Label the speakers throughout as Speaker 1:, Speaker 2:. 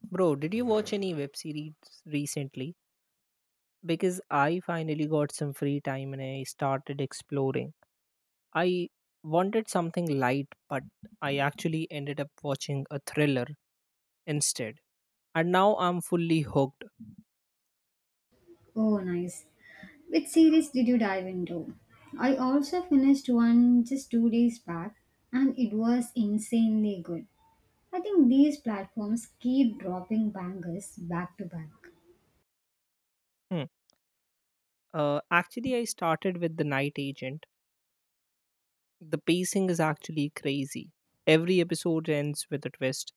Speaker 1: Bro, did you watch any web series recently? Because I finally got some free time and I started exploring. I wanted something light, but I actually ended up watching a thriller instead. And now I'm fully hooked.
Speaker 2: Oh, nice. Which series did you dive into? I also finished one just 2 days back and it was insanely good. I think these platforms keep dropping bangers back to back.
Speaker 1: Hmm. Actually, I started with The Night Agent. The pacing is actually crazy. Every episode ends with a twist.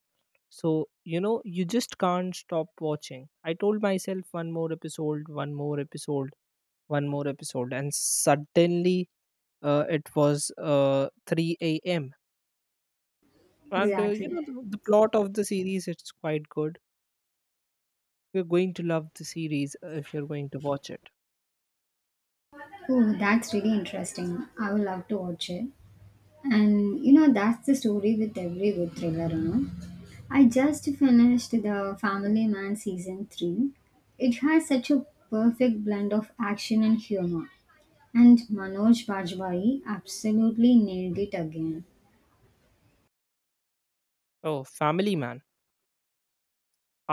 Speaker 1: So, you just can't stop watching. I told myself one more episode, one more episode, one more episode, and suddenly it was 3 a.m. And
Speaker 2: Exactly.
Speaker 1: the plot of the series, it's quite good. You're going to love the series if you're going to watch it.
Speaker 2: Oh, that's really interesting. I would love to watch it. And that's the story with every good thriller. I just finished the Family Man season 3. It has such a perfect blend of action and humor. And Manoj Bajpayee absolutely nailed it again.
Speaker 1: Oh, family man.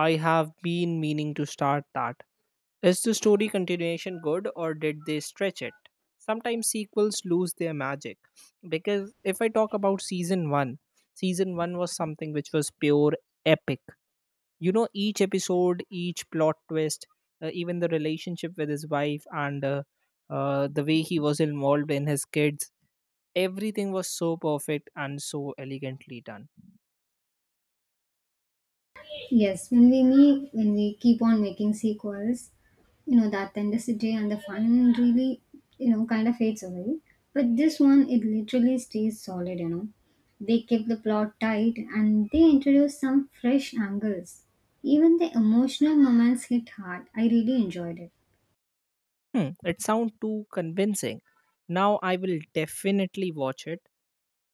Speaker 1: I have been meaning to start that. Is the story continuation good or did they stretch it? Sometimes sequels lose their magic. Because if I talk about season 1, season 1 was something which was pure epic. Each episode, each plot twist, even the relationship with his wife and the way he was involved in his kids, everything was so perfect and so elegantly done.
Speaker 2: Yes, when we keep on making sequels, the authenticity and the fun really, kind of fades away. But this one, it literally stays solid. They keep the plot tight and they introduce some fresh angles. Even the emotional moments hit hard. I really enjoyed it.
Speaker 1: Hmm, it sounds too convincing. Now I will definitely watch it.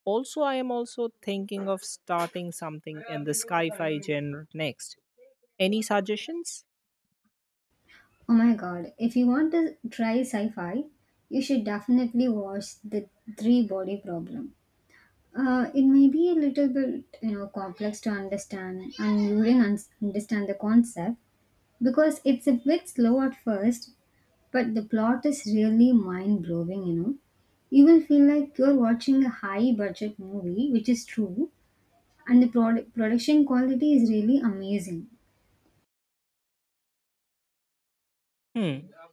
Speaker 1: Also, I am also thinking of starting something in the sci-fi genre next. Any suggestions?
Speaker 2: Oh my god, if you want to try sci fi, you should definitely watch The Three Body Problem. It may be a little bit complex to understand and you will understand the concept, because it's a bit slow at first, but the plot is really mind-blowing. You will feel like you're watching a high budget movie, which is true, and the production quality is really amazing.
Speaker 1: Hmm,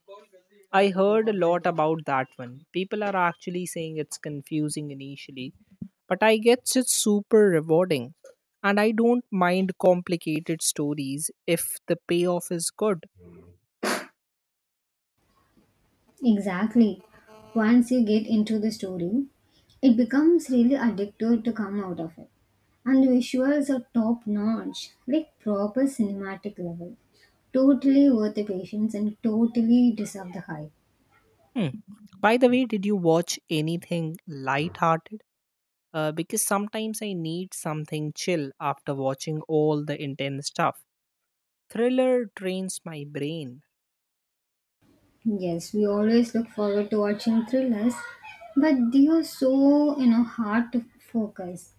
Speaker 1: I heard a lot about that one. People are actually saying it's confusing initially, but I guess it's super rewarding. And I don't mind complicated stories if the payoff is good.
Speaker 2: Exactly. Once you get into the story, it becomes really addictive to come out of it. And the visuals are top notch, like proper cinematic level. Totally worth the patience and totally deserve the hype.
Speaker 1: Hmm. By the way, did you watch anything light-hearted? Because sometimes I need something chill after watching all the intense stuff. Thriller drains my brain.
Speaker 2: Yes, we always look forward to watching thrillers, but they are so hard to focus.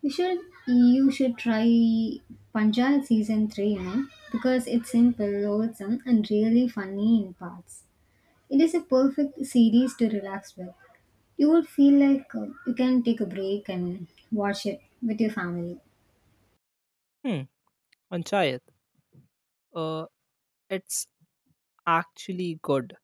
Speaker 2: You should you should try Punjab season 3, because it's simple, wholesome, and really funny in parts. It is a perfect series to relax with. You will feel like you can take a break and watch it with your family.
Speaker 1: Hmm. Panchayat. Uh, it's actually good.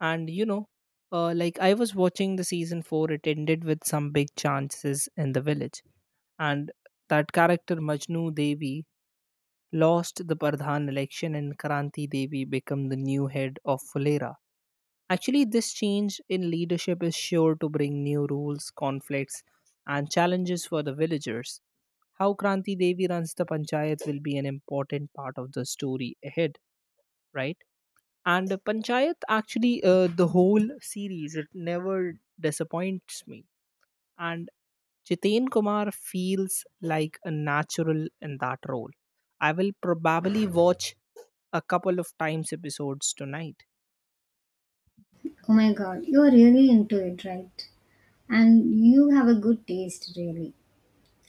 Speaker 1: And like I was watching the season four, it ended with some big chances in the village. And that character Majnu Devi lost the Pradhan election and Kranti Devi became the new head of Fulera. Actually, this change in leadership is sure to bring new rules, conflicts, and challenges for the villagers. How Kranti Devi runs the panchayat will be an important part of the story ahead, right? And the panchayat actually, the whole series, it never disappoints me. And Jitain Kumar feels like a natural in that role. I will probably watch a couple of times episodes tonight.
Speaker 2: Oh my god, you're really into it, right? And you have a good taste, really.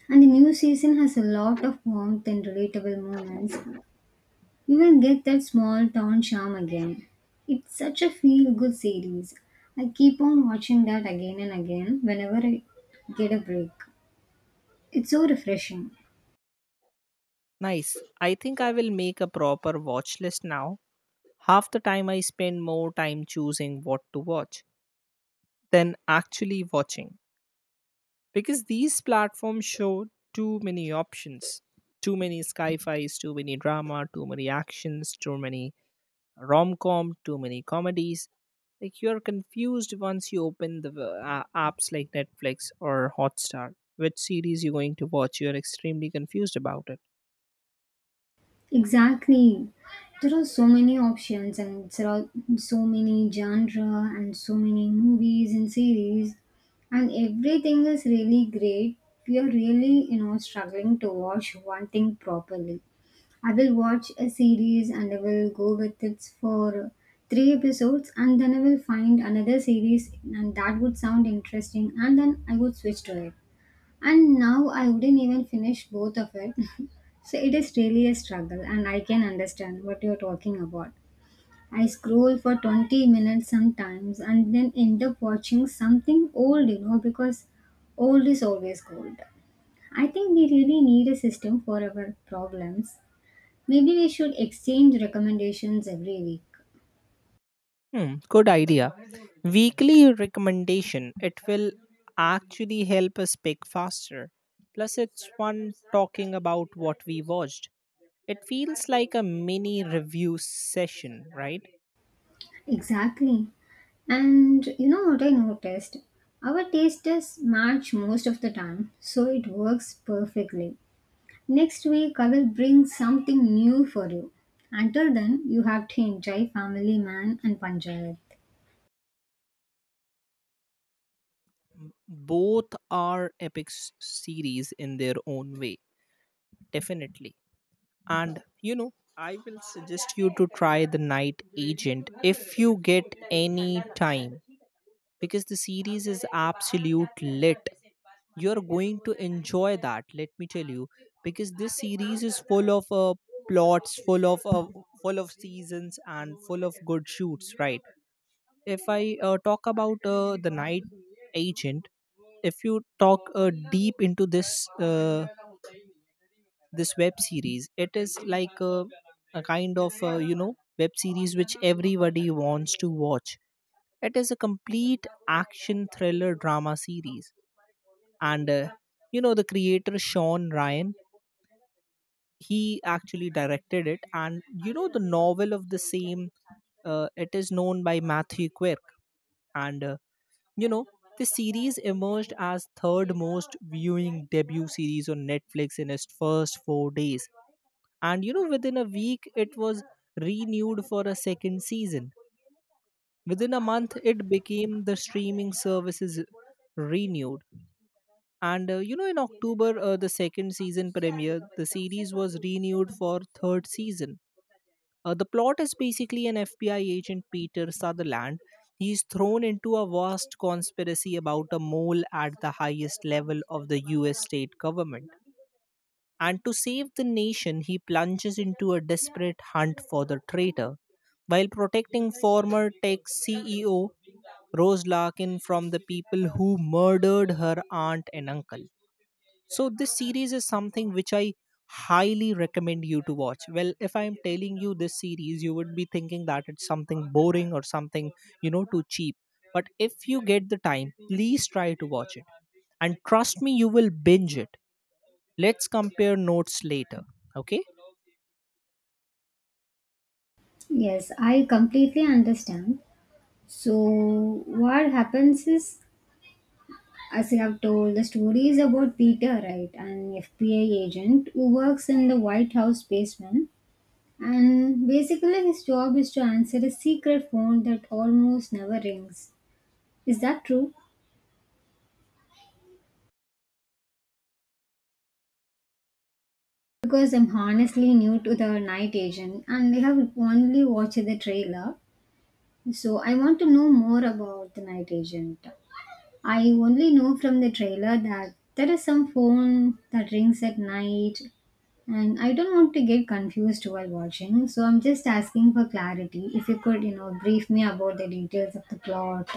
Speaker 2: And the new season has a lot of warmth and relatable moments. You will get that small town charm again. It's such a feel good series. I keep on watching that again and again whenever I get a break. It's so refreshing.
Speaker 1: Nice. I think I will make a proper watch list now. Half the time I spend more time choosing what to watch than actually watching, because these platforms show too many options, too many sci-fi's, too many drama, too many actions, too many rom com, too many comedies. Like you're confused once you open the apps like Netflix or Hotstar. Which series you're going to watch? You're extremely confused about it.
Speaker 2: Exactly. There are so many options and there are so many genre and so many movies and series, and everything is really great. We are really, struggling to watch one thing properly. I will watch a series and I will go with it for 3 episodes, and then I will find another series and that would sound interesting and then I would switch to it. And now I wouldn't even finish both of it, so it is really a struggle, and I can understand what you're talking about. I scroll for 20 minutes sometimes and then end up watching something old, because old is always gold. I think we really need a system for our problems. Maybe we should exchange recommendations every week.
Speaker 1: Hmm, good idea. Weekly recommendation. It will actually help us pick faster. Plus, it's fun talking about what we watched. It feels like a mini review session, right?
Speaker 2: Exactly. And you know what I noticed? Our taste is match most of the time, so it works perfectly. Next week, I will bring something new for you. Until then, you have to enjoy Family Man and Panchayat.
Speaker 1: Both are epic series in their own way, definitely. And I will suggest you to try The Night Agent if you get any time, because the series is absolute lit. You're going to enjoy that, let me tell you, because this series is full of plots, full of seasons, and full of good shoots. Right? If I talk about The Night Agent, if you talk deep into this web series, it is like a kind of web series which everybody wants to watch. It is a complete action thriller drama series. And the creator Sean Ryan, he actually directed it. And the novel of the same, it is known by Matthew Quirk. And you know the series emerged as third most viewing debut series on Netflix in its first 4 days. And within a week, it was renewed for a second season. Within a month, it became the streaming services renewed. And in October, the second season premiere, the series was renewed for third season. The plot is basically an FBI agent Peter Sutherland. He's thrown into a vast conspiracy about a mole at the highest level of the US state government. And to save the nation, he plunges into a desperate hunt for the traitor. While protecting former tech CEO Rose Larkin from the people who murdered her aunt and uncle. So, this series is something which I highly recommend you to watch. Well, if I'm telling you this series, you would be thinking that it's something boring or something, too cheap. But if you get the time, please try to watch it. And trust me, you will binge it. Let's compare notes later. Okay?
Speaker 2: Yes, I completely understand. So, what happens is, as you have told, the story is about Peter, right, an FBI agent who works in the White House basement. And basically, his job is to answer a secret phone that almost never rings. Is that true? Because I'm honestly new to the night agent and I have only watched the trailer. So I want to know more about the night agent. I only know from the trailer that there is some phone that rings at night, and I don't want to get confused while watching. So I'm just asking for clarity. If you could, brief me about the details of the plot.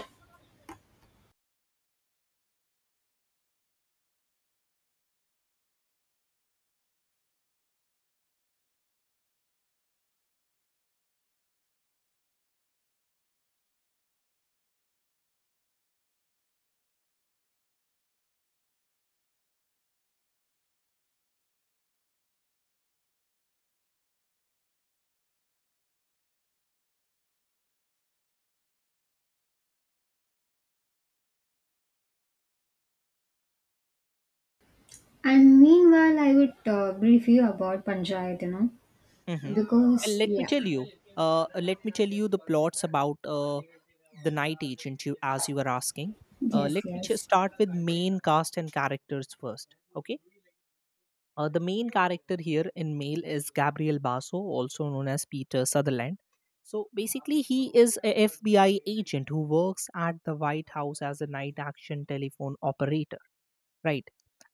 Speaker 2: And meanwhile, I would brief you about Panchayat,
Speaker 1: Hmm. Well,
Speaker 2: because
Speaker 1: let me
Speaker 2: yeah,
Speaker 1: tell you. Let me tell you the plots about The Night Agent. You, as you were asking,
Speaker 2: yes,
Speaker 1: let me
Speaker 2: yes,
Speaker 1: start with main cast and characters first. Okay. The main character here in male is Gabriel Basso, also known as Peter Sutherland. So basically, he is a FBI agent who works at the White House as a night action telephone operator, right?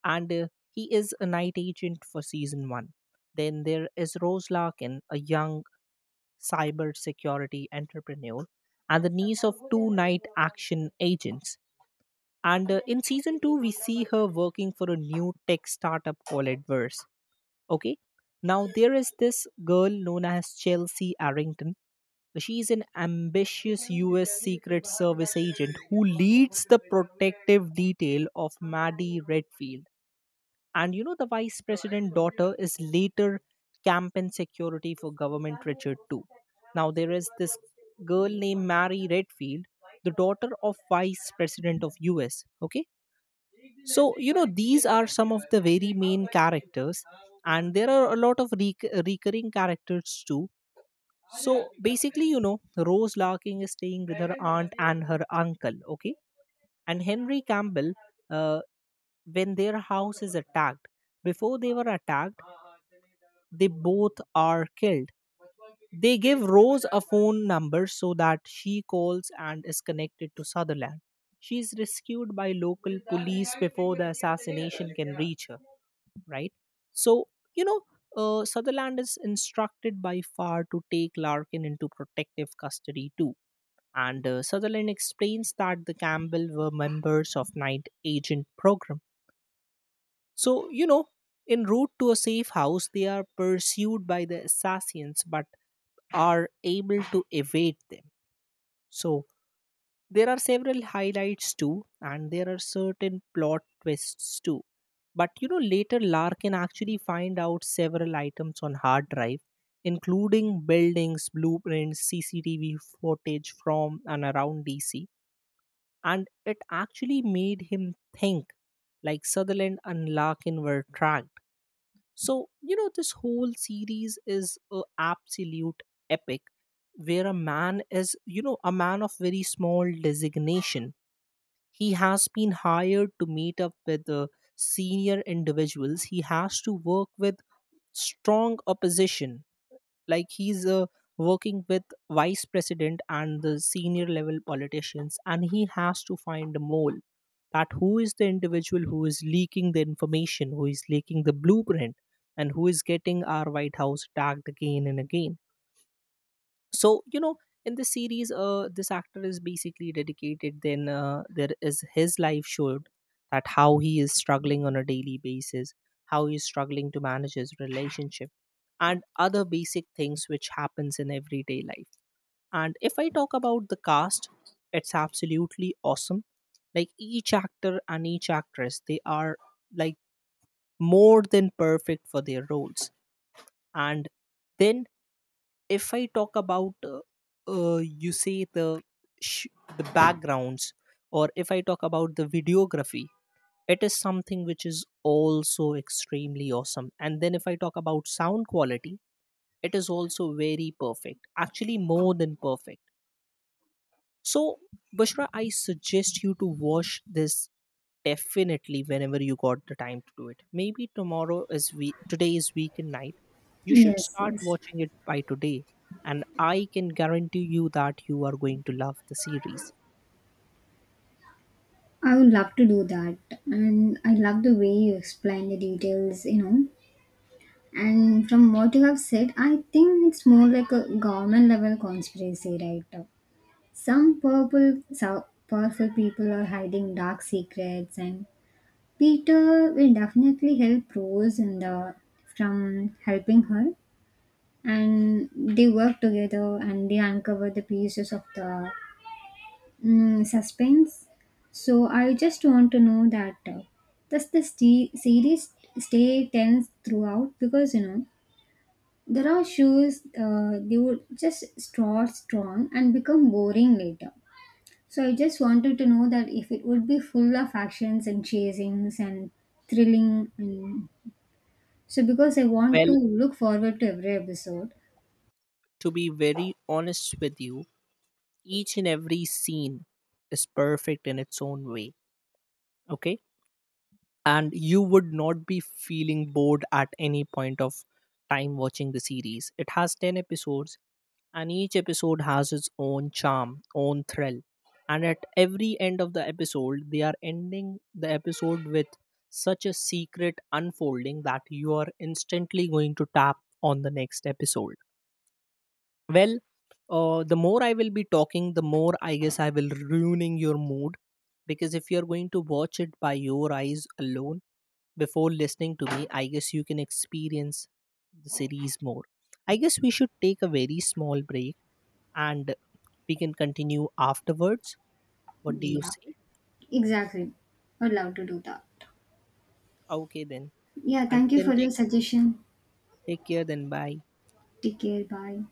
Speaker 1: And he is a night agent for season one. Then there is Rose Larkin, a young cybersecurity entrepreneur, and the niece of two night action agents. And in season two, we see her working for a new tech startup called Adverse. Okay. Now, there is this girl known as Chelsea Arrington. She's an ambitious US Secret Service agent who leads the protective detail of Maddie Redfield. And the vice president daughter is later campaign security for government Richard II. Now there is this girl named Mary Redfield, the daughter of vice president of US. Okay. So, these are some of the very main characters. And there are a lot of recurring characters too. So basically, Rose Larkin is staying with her aunt and her uncle. Okay. And Henry Campbell, uh, when their house is attacked, before they were attacked, they both are killed. They give Rose a phone number so that she calls and is connected to Sutherland. She is rescued by local police before the assassination can reach her, right? So, you know, Sutherland is instructed by Farr to take Larkin into protective custody too. And Sutherland explains that the Campbell were members of Night Agent program. So, en route to a safe house, they are pursued by the assassins but are able to evade them. So there are several highlights too, and there are certain plot twists too. But later Larkin actually find out several items on hard drive, including buildings, blueprints, CCTV footage from and around DC. And it actually made him think like Sutherland and Larkin were tracked. So, this whole series is a absolute epic where a man is, a man of very small designation. He has been hired to meet up with senior individuals. He has to work with strong opposition, like he's working with vice president and the senior level politicians, and he has to find a mole, that who is the individual who is leaking the information, who is leaking the blueprint, and who is getting our white house tagged again and again. So in the series, this actor is basically dedicated. Then there is his life showed, that how he is struggling on a daily basis, how he is struggling to manage his relationship and other basic things which happens in everyday life. And if I talk about the cast, it's absolutely awesome. Like each actor and each actress, they are like more than perfect for their roles. And then if I talk about you say the sh- the backgrounds, or if I talk about the videography, it is something which is also extremely awesome. And then if I talk about sound quality, it is also very perfect, actually more than perfect. So, Bushra, I suggest you to watch this definitely whenever you got the time to do it. Maybe tomorrow is we today is weekend night, you should
Speaker 2: yes,
Speaker 1: start
Speaker 2: yes.
Speaker 1: watching it by today. And I can guarantee you that you are going to love the series.
Speaker 2: I would love to do that. And I love the way you explain the details. And from what you have said, I think it's more like a government level conspiracy, right? Some purple, powerful people are hiding dark secrets, and Peter will definitely help Rose in the from helping her. And they work together and they uncover the pieces of the suspense. So I just want to know that, does the series stay tense throughout? Because there are shows, they would just start strong and become boring later. So I just wanted to know that if it would be full of actions and chasings and thrilling. So, because I want to
Speaker 1: Well,
Speaker 2: look forward to every episode.
Speaker 1: to be very honest with you, each and every scene is perfect in its own way. Okay? And you would not be feeling bored at any point of time watching the series. It has 10 episodes, and each episode has its own charm, own thrill. And at every end of the episode, they are ending the episode with such a secret unfolding that you are instantly going to tap on the next episode. Well, the more I will be talking, the more I guess I will ruining your mood, because if you're going to watch it by your eyes alone before listening to me, I guess you can experience the series more. I guess we should take a very small break, and we can continue afterwards. What do you
Speaker 2: Yeah,
Speaker 1: say?
Speaker 2: exactly. I'd love to do that.
Speaker 1: Okay, then.
Speaker 2: Yeah,
Speaker 1: Until
Speaker 2: thank you
Speaker 1: then,
Speaker 2: for
Speaker 1: take
Speaker 2: your
Speaker 1: care.
Speaker 2: suggestion.
Speaker 1: Take care, then. Bye.
Speaker 2: Take care. Bye.